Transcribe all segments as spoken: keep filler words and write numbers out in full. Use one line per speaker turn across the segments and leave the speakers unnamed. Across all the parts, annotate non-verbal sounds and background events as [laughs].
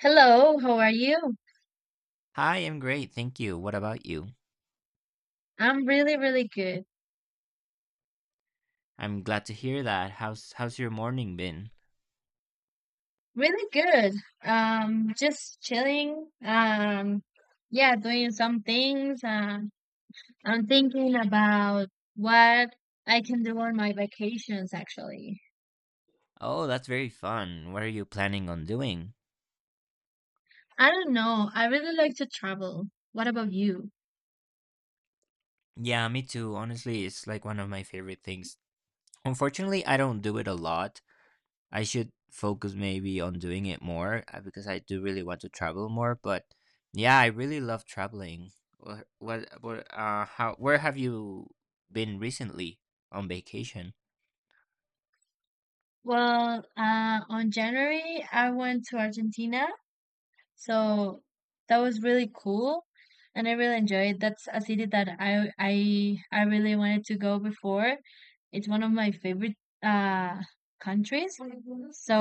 Hello, how are you?
Hi, I'm great, thank you. What about you?
I'm really, really good.
I'm glad to hear that. How's how's your morning been?
Really good. Um, just chilling. Um, yeah, doing some things. Um, I'm thinking about what I can do on my vacations, actually.
Oh, that's very fun. What are you planning on doing?
I don't know. I really like to travel. What about you?
Yeah, me too. Honestly, it's like one of my favorite things. Unfortunately, I don't do it a lot. I should focus maybe on doing it more uh, because I do really want to travel more, but yeah, I really love traveling. What what, what uh how where have you been recently on vacation?
Well, uh, on January, I went to Argentina. So that was really cool and I really enjoyed it. That's a city that I I I really wanted to go before. It's one of my favorite uh countries. So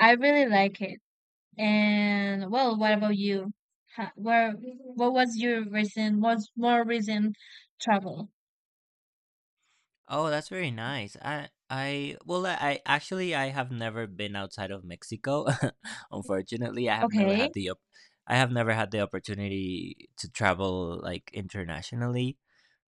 I really like it. And well, what about you? Ha- Where what was your recent what's more recent travel?
Oh, that's very nice. I I well I, I actually I have never been outside of Mexico. [laughs] Unfortunately, I have never
Okay.
had the op- I have never had the opportunity to travel like internationally,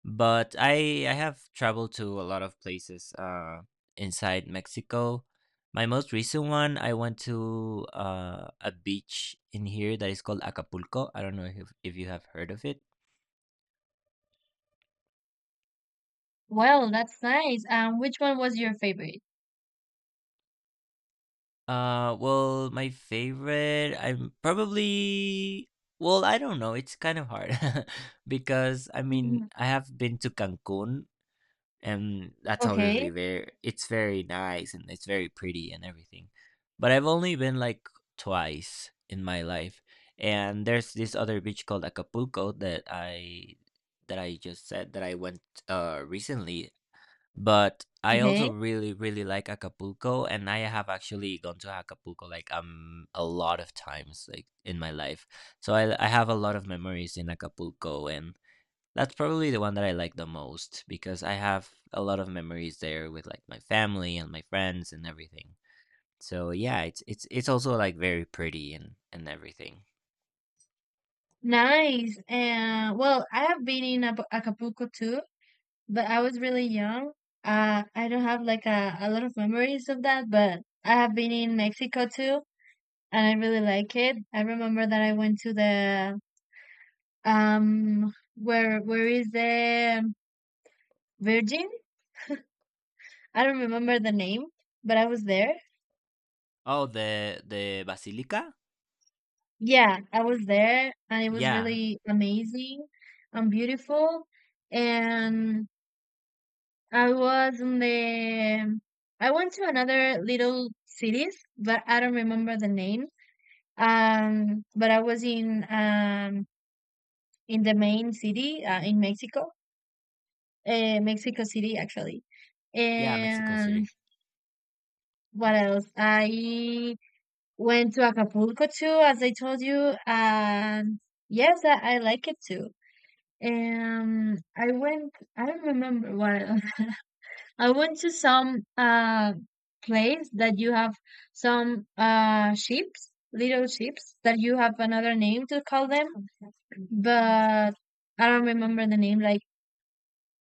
but I I have traveled to a lot of places uh inside Mexico. My most recent one, I went to uh, a beach in here that is called Acapulco. I don't know if if you have heard of it.
Well, that's nice. Um which one was your favorite?
Uh, well, my favorite, I'm probably, well, I don't know. It's kind of hard [laughs] because I mean,
Mhm.
I have been to Cancun, and that's obviously
Okay.
very, it's very nice and it's very pretty and everything. But I've only been like twice in my life. And there's this other beach called Acapulco that I that I just said that I went uh recently, but I
Okay.
also really, really like Acapulco, and I have actually gone to Acapulco like um a lot of times like in my life. So I I have a lot of memories in Acapulco, and that's probably the one that I like the most because I have a lot of memories there with like my family and my friends and everything. So yeah, it's it's it's also like very pretty and and everything.
Nice. And well, I have been in Apu- Acapulco too, but I was really young. Uh, I don't have like a, a lot of memories of that, but I have been in Mexico too, and I really like it. I remember that I went to the um where where is the Virgin? I don't remember the name, but I was there.
Oh, the the Basilica?
Yeah, I was there, and it was
Yeah.
really amazing and beautiful. And I was in the I went to another little cities, but I don't remember the name. Um, but I was in um in the main city uh, in Mexico, uh, Mexico City actually.
Yeah, Mexico
And
City.
what else? I went to Acapulco too, as I told you. And yes, I, I like it too. And I went. I don't remember what. [laughs] I went to some uh place that you have some uh ships, little ships that you have another name to call them, but I don't remember the name. Like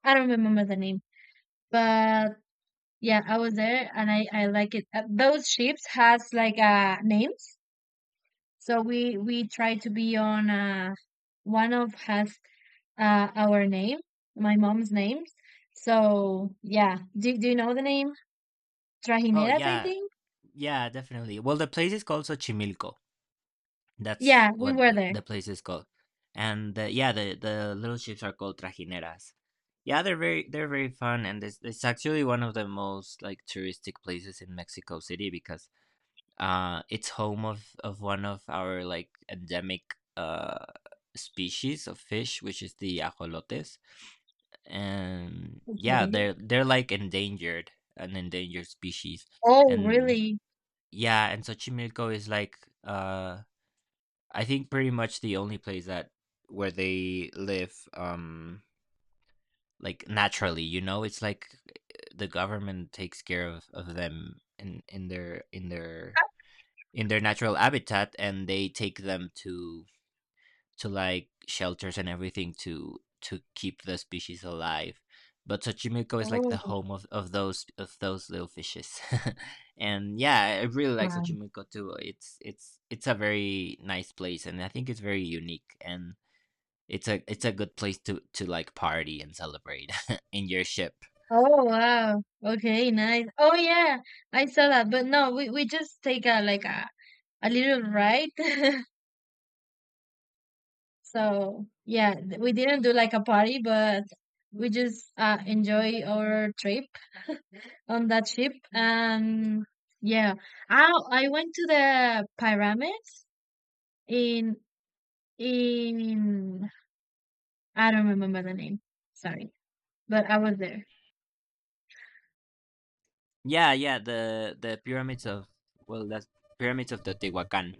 I don't remember the name, but yeah, I was there and I I like it. Uh, those ships has like uh names, so we we try to be on uh one of has uh our name, my mom's name. So yeah, do do you know the name?
Oh,
Trajineras, I
yeah.
think.
Yeah, definitely. Well, the place is called Xochimilco. That's
Yeah, we
what
were
the,
there.
the place is called. And the, yeah, the, the little ships are called trajineras. Yeah, they're very they're very fun, and it's, it's actually one of the most like touristic places in Mexico City because uh, it's home of of one of our like endemic uh species of fish, which is the ajolotes. And yeah,
Okay.
they're they're like endangered, an endangered species.
Oh,
And
really?
yeah, and Xochimilco is like uh I think pretty much the only place that where they live, um, like naturally, you know. It's like the government takes care of, of them in, in their in their in their natural habitat, and they take them to to like shelters and everything to to keep the species alive. But Xochimilco is like
Oh,
the home of, of those of those little fishes. [laughs] And yeah, I really like
wow.
Xochimilco too. It's it's it's a very nice place, and I think it's very unique and it's a it's a good place to to like party and celebrate [laughs] in your ship.
Oh, wow. Okay, nice. Oh, yeah, I saw that. But no, we, we just take a like a, a little ride. [laughs] So, yeah, th- we didn't do like a party, but we just uh, enjoy our trip on that ship. And yeah, I I went to the pyramids in in I don't remember the name. Sorry, but I was there.
Yeah, yeah, the the pyramids of well, that's pyramids of the Tehuacan.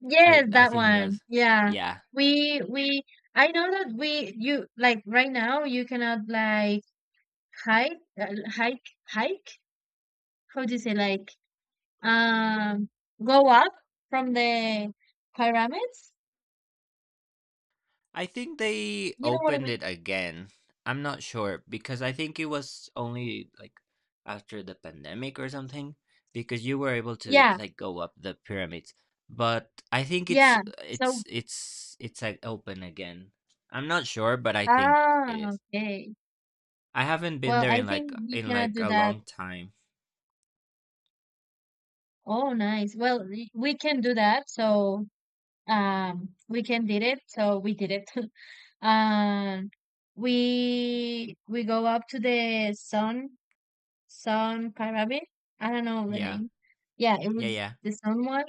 Yes,
I I
that
think
one.
that's
Yeah.
yeah.
We we I know that we you like right now you cannot like hike uh, hike hike how do you say like um go up from the pyramids?
I think they
You know what I
opened
mean?
it again. I'm not sure because I think it was only like after the pandemic or something, because you were able to
Yeah.
like go up the pyramids. But I think it's
Yeah. So
it's it's it's like open again. I'm not sure, but I think it
ah
is.
okay.
I haven't been
Well,
there
I
in like
think you
in
cannot
like
do
a
that.
long time.
Oh, nice. Well, we we can do that. So um we can did it. So we did it. [laughs] And we we go up to the sun sun pyramid. I don't know the
Yeah.
name. Yeah, it
Yeah,
was
yeah.
the sun one.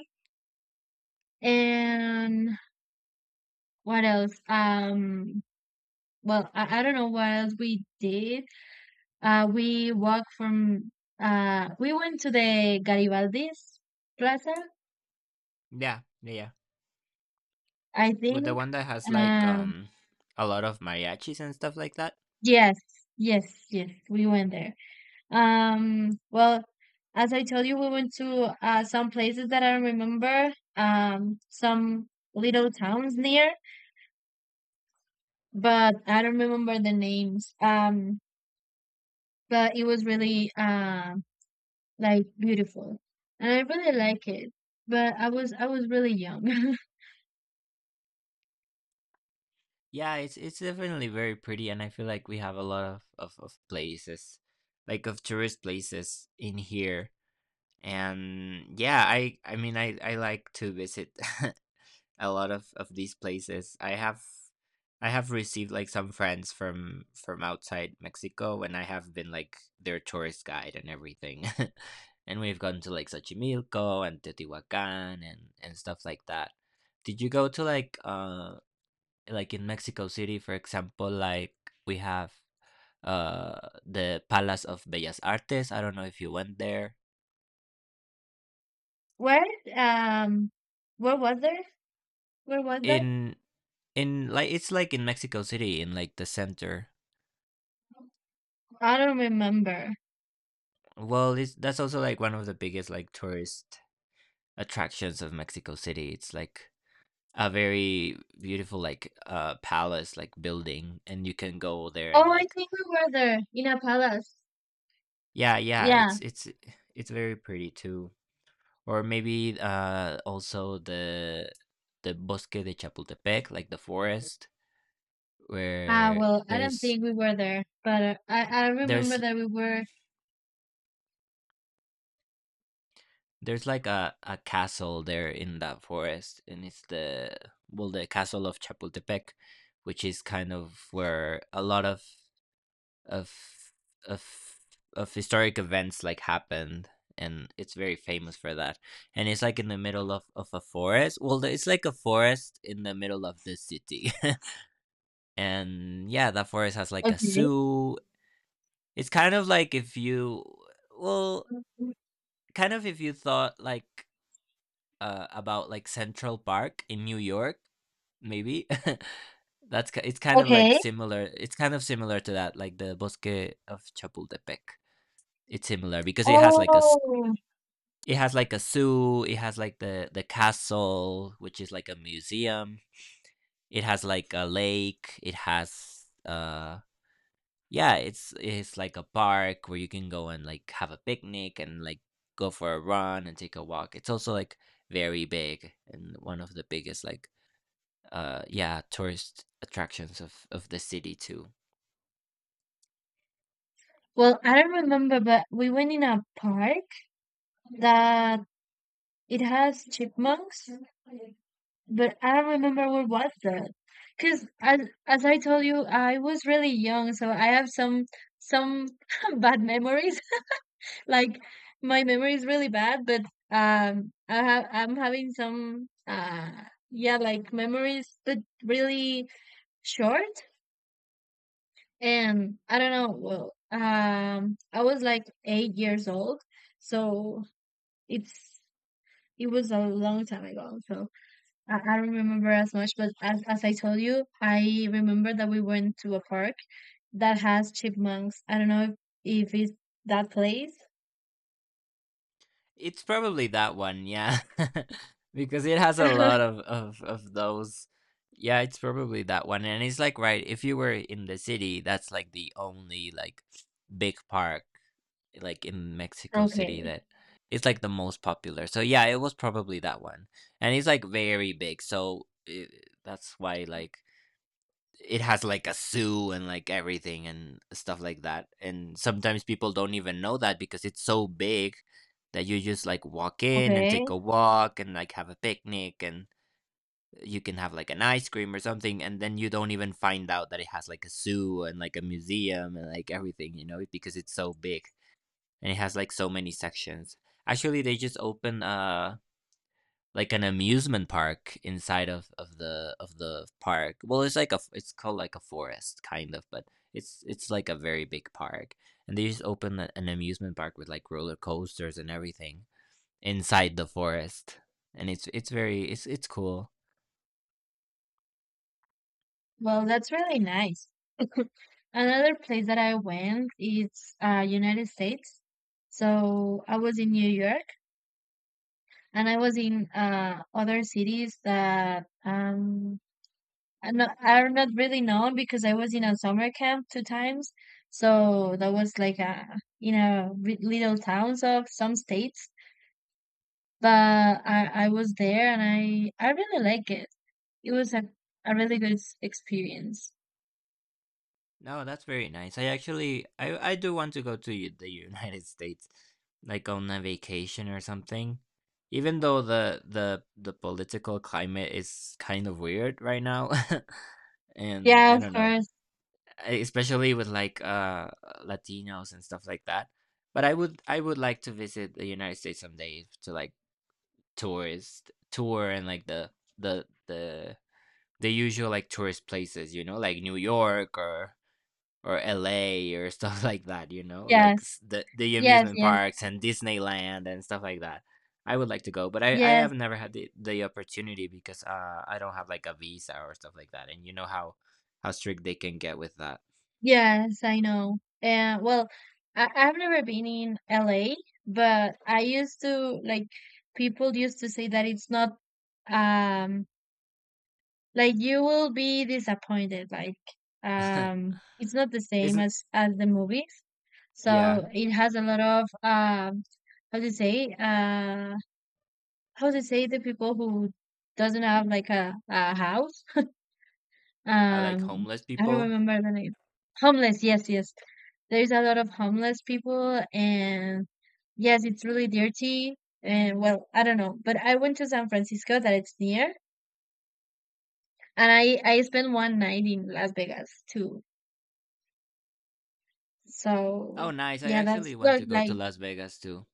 And what else? Um, well, I, I don't know what else we did. Uh, we walked from uh, we went to the Garibaldi's Plaza,
Yeah. Yeah, yeah.
I
With the
think.
one that has like
Um,
um a lot of mariachis and stuff like that.
yes, yes, yes, we went there. Um, well, as I told you, we went to uh, some places that I remember, um, some little towns near, but I don't remember the names. Um, but it was really uh, like beautiful, and I really like it. But I was I was really young.
Yeah, it's it's definitely very pretty, and I feel like we have a lot of of, of places, like of tourist places in here. And yeah, I I mean I I like to visit [laughs] a lot of of these places. I have I have received like some friends from from outside Mexico, and I have been like their tourist guide and everything. [laughs] And we've gone to like Xochimilco and Teotihuacan and and stuff like that. Did you go to like um like in Mexico City, for example, like we have uh the Palace of Bellas Artes. I don't know if you went there.
[laughs] Where um, where was there? Where was that?
In in like it's like in Mexico City in like the center.
I don't remember.
Well, it's that's also like one of the biggest like tourist attractions of Mexico City. It's like a very beautiful like uh palace like building, and you can go there and
Oh, I
like
think we were there in a palace.
yeah, yeah,
Yeah.
it's it's it's very pretty too. Or maybe uh, also the the Bosque de Chapultepec, like the forest,
Ah,
where
well, I don't
there's
think we were there, but uh, I I remember
there's
that we were.
there's like a, a castle there in that forest, and it's the well the castle of Chapultepec, which is kind of where a lot of of of of historic events like happened, and it's very famous for that. And it's like in the middle of of a forest. Well, it's like a forest in the middle of the city. [laughs] And yeah, that forest has like a
Okay.
zoo. It's kind of like if you, well, kind of if you thought like uh, about like Central Park in New York, maybe. [laughs] That's ki- it's kind of like
Okay.
similar. It's kind of similar to that, like the Bosque of Chapultepec. It's similar because it has like a s-
Oh.
it has like a zoo. It has like the the castle, which is like a museum. It has like a lake. It has uh yeah, it's it's like a park where you can go and like have a picnic and like go for a run and take a walk. It's also like very big and one of the biggest like uh yeah, tourist attractions of of the city too.
Well, I don't remember, but we went in a park that it has chipmunks, but I don't remember what was that. Because as as I told you, I was really young, so I have some some [laughs] bad memories. Like my memory is really bad, but um, I have I'm having some uh yeah like memories, but really short. And I don't know. Well, um, I was like eight years old, so it's it was a long time ago. So I, I don't remember as much. But as as I told you, I remember that we went to a park that has chipmunks. I don't know if, if it's that place.
It's probably that one, yeah. [laughs] Because it has a lot
[laughs]
of of of those. Yeah, it's probably that one. And it's like right, if you were in the city, that's like the only like big park like in Mexico City
Okay.
that it's like the most popular. So yeah, it was probably that one. And it's like very big. So it, that's why like it has like a zoo and like everything and stuff like that. And sometimes people don't even know that because it's so big that you just like walk in and
Okay.
take a walk and like have a picnic, and you can have like an ice cream or something, and then you don't even find out that it has like a zoo and like a museum and like everything, you know, because it's so big and it has like so many sections. Actually, they just opened uh like an amusement park inside of of the of the park. Well, it's like a f- it's called like a forest kind of, but it's it's like a very big park, and they just opened a- an amusement park with like roller coasters and everything inside the forest, and it's it's very it's it's cool.
Well, that's really nice. Another place that I went is uh, United States. So I was in New York, and I was in uh, other cities that um, are not, are not really known because I was in a summer camp two times. So that was like a in a re- little towns of some states. But I, I was there, and I I really like it. It was a, a really good s- experience.
No, that's very nice. I actually I I do want to go to u- the United [laughs] States like on a vacation or something. Even though the the the political climate is kind of weird right now. [laughs] And
Yeah,
I
of
don't know,
course.
e- especially with like uh Latinos and stuff like that. But I would I would like to visit the United States someday to like tourist tour and like the the the the usual like tourist places, you know, like New York or or L A or [laughs] stuff like that, you know, like
Yes.
s- the the
Yes,
amusement
yes.
parks and Disneyland and stuff like that. I would like to go, but I, I
Yes,
have never had the, the opportunity because uh I don't have like a visa or stuff like that, and you know how how strict they can get with that.
yes, I know. And well, I, I've never been in L A, but I used to like people used to say that it's not um like you will be disappointed, like
[laughs]
um it's not the same
Isn't
as as the movies.
yeah,
So it has a lot of um how do you say uh how do you say the people who doesn't have like a, a house.
I like
Um,
homeless
I don't
people.
remember the name. Homeless, yes, yes. There's a lot of homeless people, and yes, it's really dirty. And well, I don't know, but I went to San Francisco, that it's near, and I I spent one night in Las Vegas too.
Oh,
So
nice. I
yeah, that's
actually want
look
to go to
like
Las Vegas too.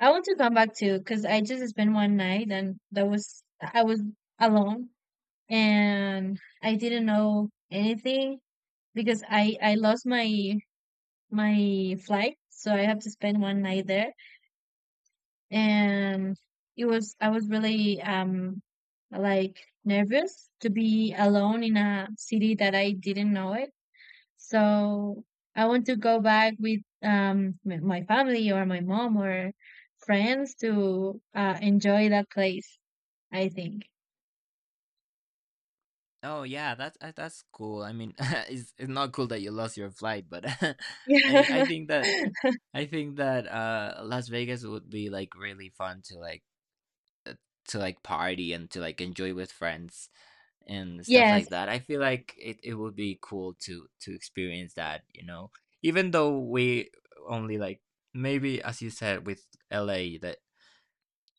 I want to come back too, because I just spent one night, and that was I was alone, and I didn't know anything because I I lost my my flight, so I have to spend one night there. And it was I was really um like nervous to be alone in a city that I didn't know it. So I want to go back with um m- my family or my mom or friends to uh, enjoy that place, I think.
Oh yeah, that's uh, that's cool. I mean, [laughs] it's it's not cool that you lost your flight, but [laughs] I
[laughs]
mean, I
Yeah.
think that I think that uh Las Vegas would be like really fun to like to like party and to like enjoy with friends and stuff
Yes,
like that. I feel like it, it would be cool to to experience that, you know. Even though we only like maybe as you said with L A that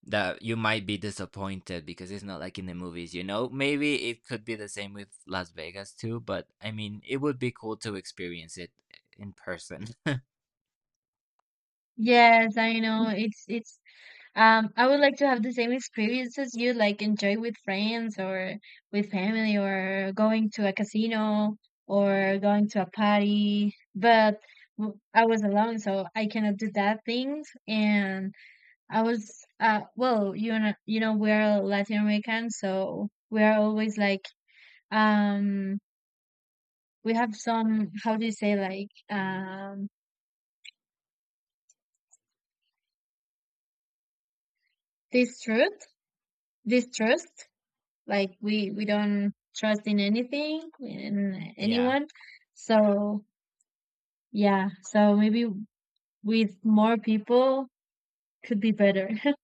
that you might be disappointed because it's not like in the movies, you know. Maybe it could be the same with Las Vegas too, but I mean, it would be cool to experience it in person.
yes, I know. It's it's Um, I would like to have the same experiences you like enjoy with friends or with family or going to a casino or going to a party. But w- I was alone, so I cannot do that things. And I was, uh, well, you know, you know, we're Latin American, so we're always like, um, we have some, how do you say, like, um, distrust, distrust. Like we we don't trust in anything in
[laughs] Yeah.
anyone. So yeah, so maybe with more people could be better. [laughs]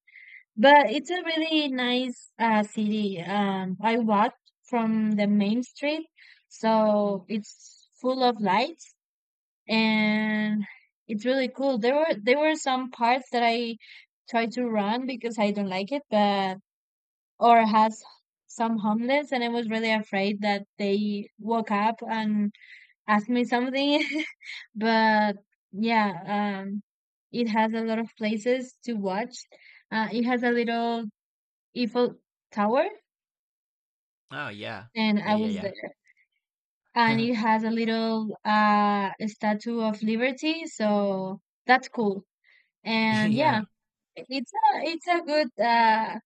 But it's a really nice uh, city. Um, I walked from the main street, so it's full of lights and it's really cool. There were there were some parts that I tried to run because I don't like it, but or has some homeless and I was really afraid that they woke up and asked me something. [laughs] But yeah, um it has a lot of places to watch. Uh, it has a little Eiffel Tower
Oh, yeah.
and I
Yeah,
was
yeah,
there. And
yeah.
it
[laughs]
has a little uh Statue of Liberty, so that's cool.
[laughs]
And yeah,
Yeah.
It's a it's a good uh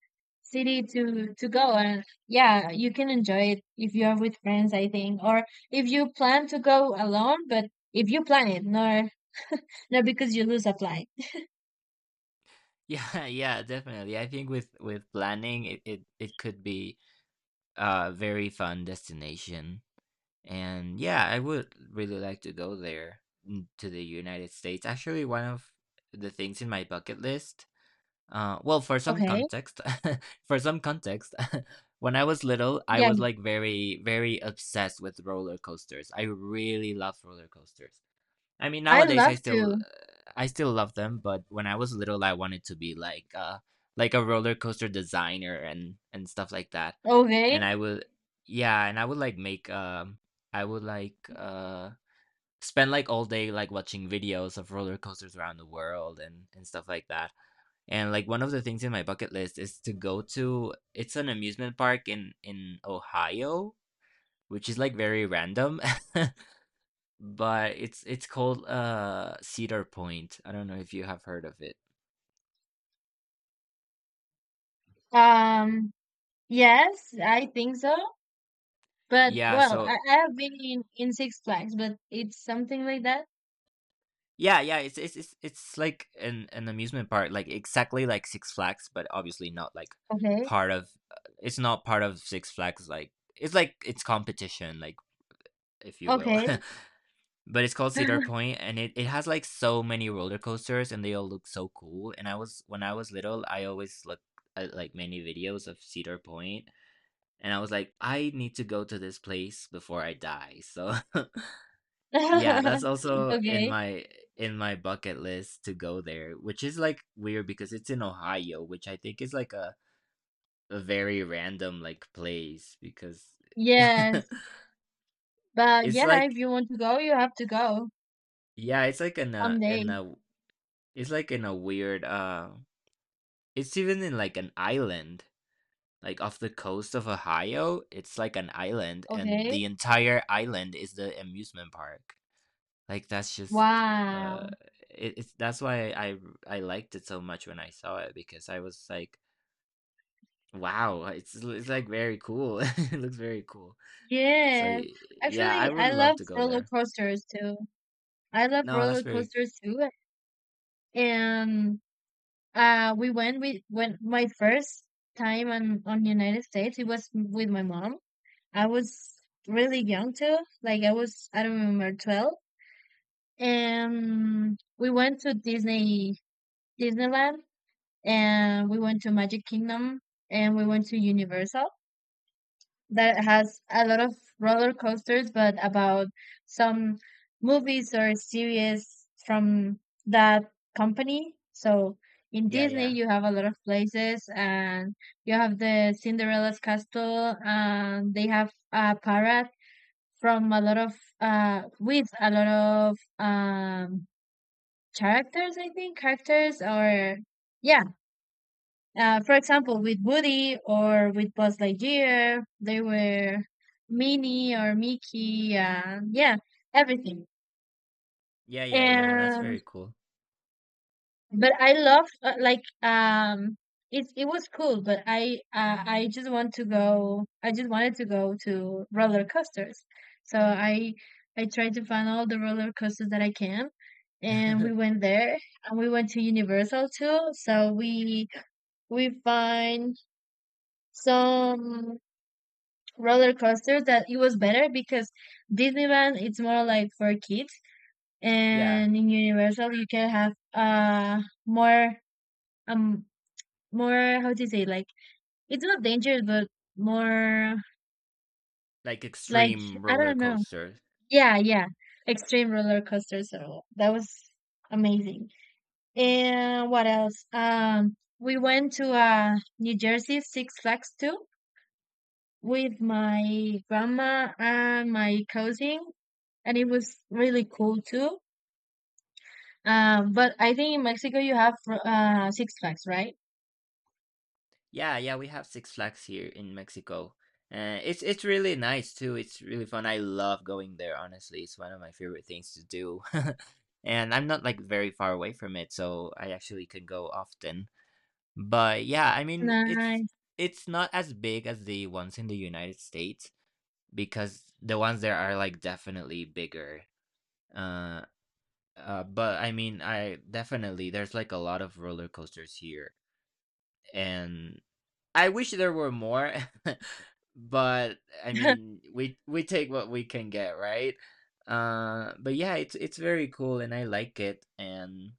city to to go and yeah, you can enjoy it if you are with friends, I think, or if you plan to go alone, but if you plan it, nor not because you lose a flight.
Yeah, [laughs] yeah, definitely. I think with with planning, it it, it could be a very fun destination. And yeah, I would really like to go there mm, to the United States. Actually, one of the things in my bucket list, uh, well, for some
Okay.
context, [laughs] for some context, [laughs] when I was little, I
Yeah,
was like very, very obsessed with roller coasters. I really love roller coasters. I mean,
I
nowadays
love
I still
to.
I still love them, but when I was little, I wanted to be like uh like a roller coaster designer and and stuff like that.
Okay.
And I would Yeah, and I would like make um I would like uh spend like all day like watching videos of roller coasters around the world and and stuff like that. And like one of the things in my bucket list is to go to it's an amusement park in in Ohio, which is like very random. [laughs] But it's it's called uh Cedar Point. I don't know if you have heard of it.
Um, yes, I think so. But
Yeah,
well,
so
I, I have been in, in Six Flags, but it's something like that.
yeah, yeah, it's it's it's, it's like an an amusement park, like exactly like Six Flags, but obviously not like
Okay.
part of uh, it's not part of Six Flags, like it's like it's competition, like if you will.
Okay.
[laughs] But it's called Cedar Point and it, it has like so many roller coasters and they all look so cool. And I was When I was little, I always looked at like many videos of Cedar Point. And I was like, I need to go to this place before I die. So [laughs] yeah, that's
[laughs]
also in
Okay.
my in my bucket list to go there, which is like weird because it's in Ohio, which I think is like a, a very random like place because [laughs]
Yes. But
it's
yeah, if
like
you want to go, you have to go
yeah, it's like in a in
someday.
a it's like in a weird uh it's even in like an island. Like off the coast of Ohio, it's like an island and
Okay.
the entire island is the amusement park. Like that's just uh
Wow.
it, it's that's why I I liked it so much when I saw it because I was like, wow, it's it's like very cool. [laughs] It looks very cool. So
Yes.
y- yeah, I
Actually,
would
I
love
love
to go
roller
there.
coasters too. I love
No, that's
roller
very
coasters too. And uh, we went with when my first time on on United States. It was with my mom. I was really young too. Like I was, I don't remember, twelve. And we went to Disney Disneyland, and we went to Magic Kingdom, and we went to Universal that has a lot of roller coasters, but about some movies or series from that company. So in
yeah,
Disney,
yeah.
you have a lot of places, and you have the Cinderella's castle, and they have a parrot from a lot of uh with a lot of um characters, I think characters or yeah uh, for example, with Woody or with Buzz Lightyear, they were Minnie or Mickey, uh, yeah, everything.
Yeah, yeah, yeah, that's
And
very cool.
but I love uh, like um, it it was cool, but I uh, I just want to go. I just wanted to go to roller coasters, so I I tried to find all the roller coasters that I can, and we
[laughs]
went there, and we went to Universal too. So we we find some roller coaster that it was better because Disneyland it's more like for kids
Yeah,
and in Universal you can have uh more um more how to say like it's not dangerous but more
like
like
extreme
I
roller
don't know.
coaster.
Yeah, yeah. Extreme roller coaster. So that was amazing. And what else? Um we went to uh New Jersey Six Flags too with my grandma and my cousin, and it was really cool too. Um, but I think in Mexico you have uh Six Flags, right?
Yeah, yeah, we have Six Flags here in Mexico. Uh, it's it's really nice too. It's really fun. I love going there, honestly. It's one of my favorite things to do. [laughs] And I'm not like very far away from it, so I actually can go often. But yeah, I mean, it's
Nice.
it's not as big as the ones in the United States because the ones there are like definitely bigger. Uh, uh, but I mean, I definitely there's like a lot of roller coasters here. And I wish there were more, [laughs] but I
[laughs]
mean, we we take what we can get, right? Uh, but yeah, it's it's very cool, and I like it. And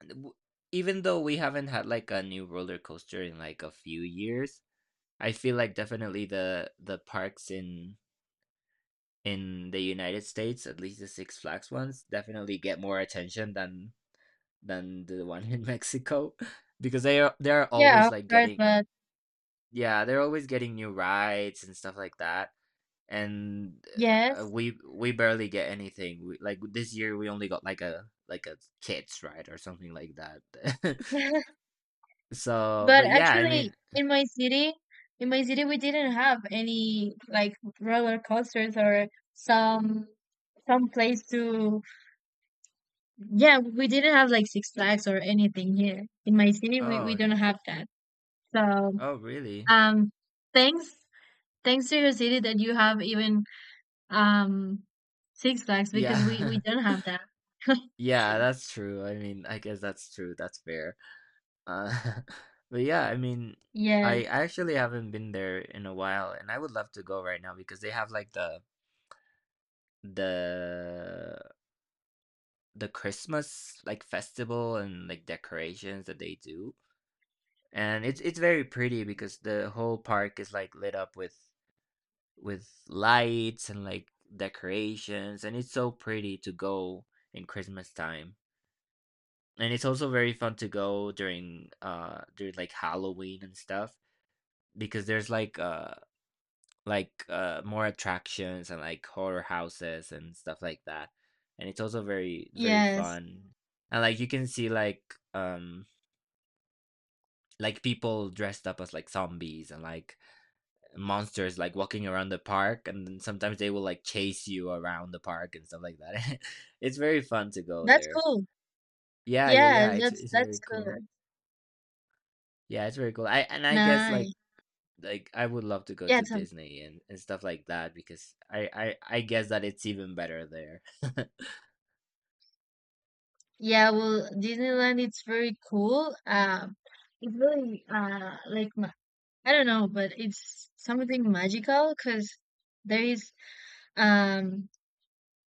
w- even though we haven't had like a new roller coaster in like a few years, I feel like definitely the the parks in in the United States, at least the Six Flags ones, definitely get more attention than than the one in Mexico [laughs] because they are they are
Yeah,
always
of
like
course,
getting.
but
Yeah, they're always getting new rides and stuff like that. And uh,
yes.
we we barely get anything. We, like this year, we only got like a like a kids ride or something like that. [laughs]
[laughs]
So,
But
but yeah, I
actually,
mean,
in my city, in my city, we didn't have any like roller coasters or some some place to. Yeah, we didn't have like Six Flags or anything here in my city. We we
oh,
don't have that. So,
oh, really?
um, thanks thanks to your city that you have even, Um, Six Flags, because we we
Yeah,
don't have that. [laughs]
[laughs] yeah, that's true. I mean, I guess that's true. That's fair. Uh, [laughs] but yeah, I mean, I
Yes,
I actually haven't been there in a while, and I would love to go right now because they have like the the the Christmas like festival and like decorations that they do. And it's it's very pretty because the whole park is like lit up with with lights and like decorations and it's so pretty to go in Christmas time. And it's also very fun to go during uh during like Halloween and stuff because there's like uh like uh more attractions and like horror houses and stuff like that. And it's also very very
yes,
fun and like you can see like um like people dressed up as like zombies and like monsters like walking around the park and then sometimes they will like chase you around the park and stuff like that. [laughs] It's very fun to go
that's
there.
cool.
Yeah, yeah,
Yeah,
yeah, it's
that's
it's
that's
very cool.
cool.
Yeah, it's very cool. I And I guess
Nice.
like like I would love to go
Yeah,
to
tell me.
Disney and, and stuff like that because I, I I guess that it's even better there.
Yeah, well, Disneyland it's very cool. Um, it's really uh like ma- I don't know, but it's something magical because there is, um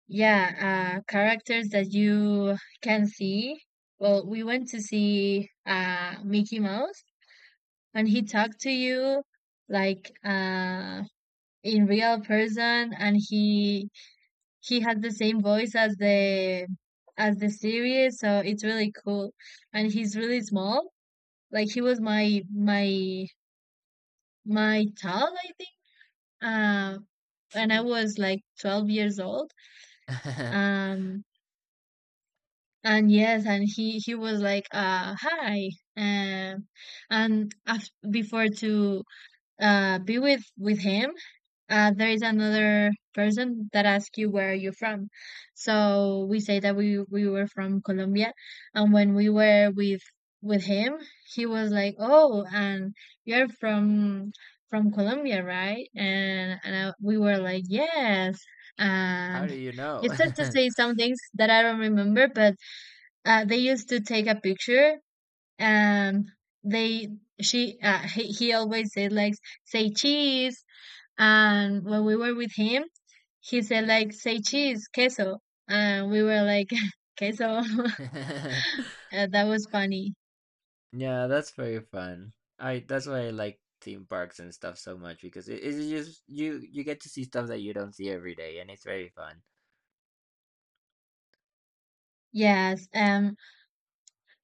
yeah, uh characters that you can see. Well, we went to see uh Mickey Mouse, and he talked to you like, uh in real person, and he he had the same voice as the as the series, so it's really cool. And he's really small, like he was my my my child, I think. uh and I was like twelve years old.
[laughs]
um and yes, and he he was like, uh hi. um and af- before to, uh, be with with him, uh, there is another person that asks you, where are you from? So we say that we we were from Colombia, and when we were with with him, he was like, "Oh, and you're from from Colombia, right?" And and I, we were like, "Yes."
[laughs] How do
And
you
he
know?
started to say some things that I don't remember, but uh, they used to take a picture, and they she uh, he, he always said like, say cheese. And when we were with him, he said like, say cheese, queso. And we were like, [laughs] queso. [laughs]
[laughs]
Uh, that was funny.
Yeah, that's very fun. I that's why I like theme parks and stuff so much because it, it's just you you get to see stuff that you don't see every day and it's very fun.
Yes. um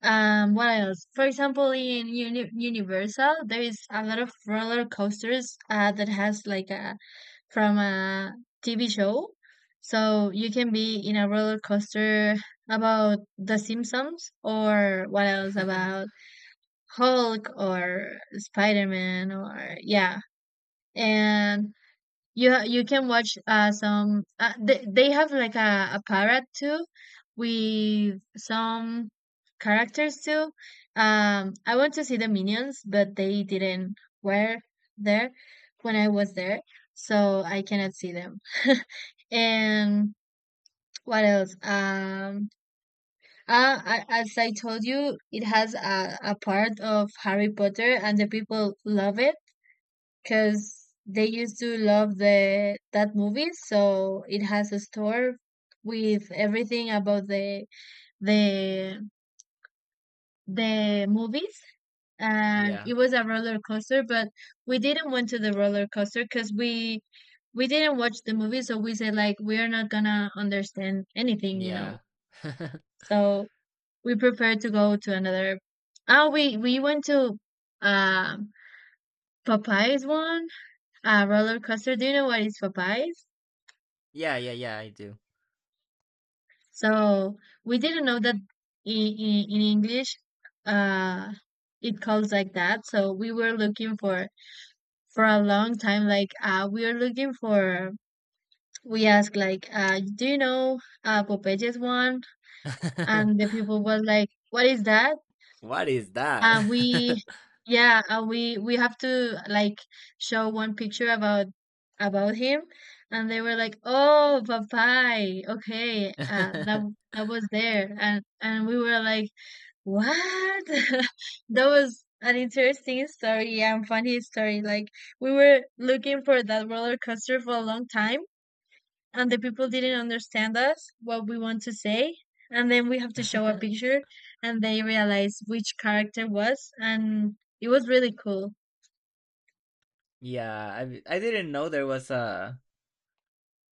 um What else? For example, in Uni- universal, there is a lot of roller coasters uh, that has like a, from a T V show. So you can be in a roller coaster about The Simpsons, or what else,
[laughs]
about Hulk or Spider Man, or yeah. And you ha- you can watch uh some, uh, they they have like a, a parrot too, with some characters too. Um, I want to see the minions, but they didn't were there when I was there, so I cannot see them. [laughs] And what else? Um, uh, I, as I told you, it has a, a part of Harry Potter, and the people love it because they used to love the that movie. So it has a store with everything about the the the movies, and
Yeah.
it was a roller coaster, but we didn't went to the roller coaster because we we didn't watch the movie. So we said like, we're not gonna understand anything, you know.
Yeah. [laughs]
So we prepared to go to another. Oh, we we went to, um Popeye's one, uh roller coaster. Do you know what is Popeye's?
Yeah, yeah, yeah, I do.
So we didn't know that in, in, in English, uh, it calls like that. So we were looking for for a long time. Like, uh, we were looking for. We asked like, uh, do you know, uh, Popeye's one? And the
[laughs]
people was like, what is that?
What is
Uh, we,
that?
yeah, uh, we we have to like show one picture about about him, and they were like, oh, Popeye, okay, uh, that
[laughs]
that was there, and and we were like, what? [laughs] That was an interesting story and funny story. Like we were looking for that roller coaster for a long time, and the people didn't understand us what we want to say. And then we have to show a picture, and they realize which character was, and it was really cool.
Yeah, I I didn't know there was a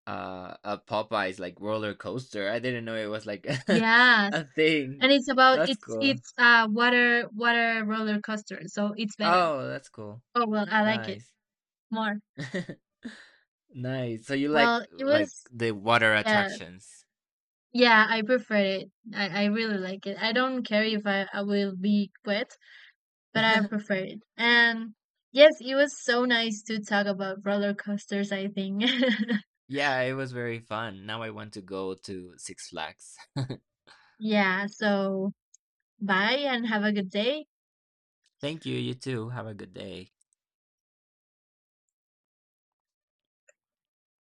uh a Popeyes like roller coaster. I didn't know it was like [laughs]
Yes.
a thing.
And it's about,
That's
it's
cool.
it's uh water water roller coaster, so it's better.
Oh, that's cool.
Oh well, I like it
Nice.
more.
[laughs] Nice. So you like
Well, it
like
was,
the water
yeah.
attractions.
Yeah, I prefer it. I, I really like it. I don't care if I, I will be wet, but I
[laughs]
prefer it. And yes, it was so nice to talk about roller coasters, I think. [laughs]
Yeah, it was very fun. Now I want to go to Six Flags.
Yeah, so bye and have a good day.
[laughs] Thank you. You too. Have a good day.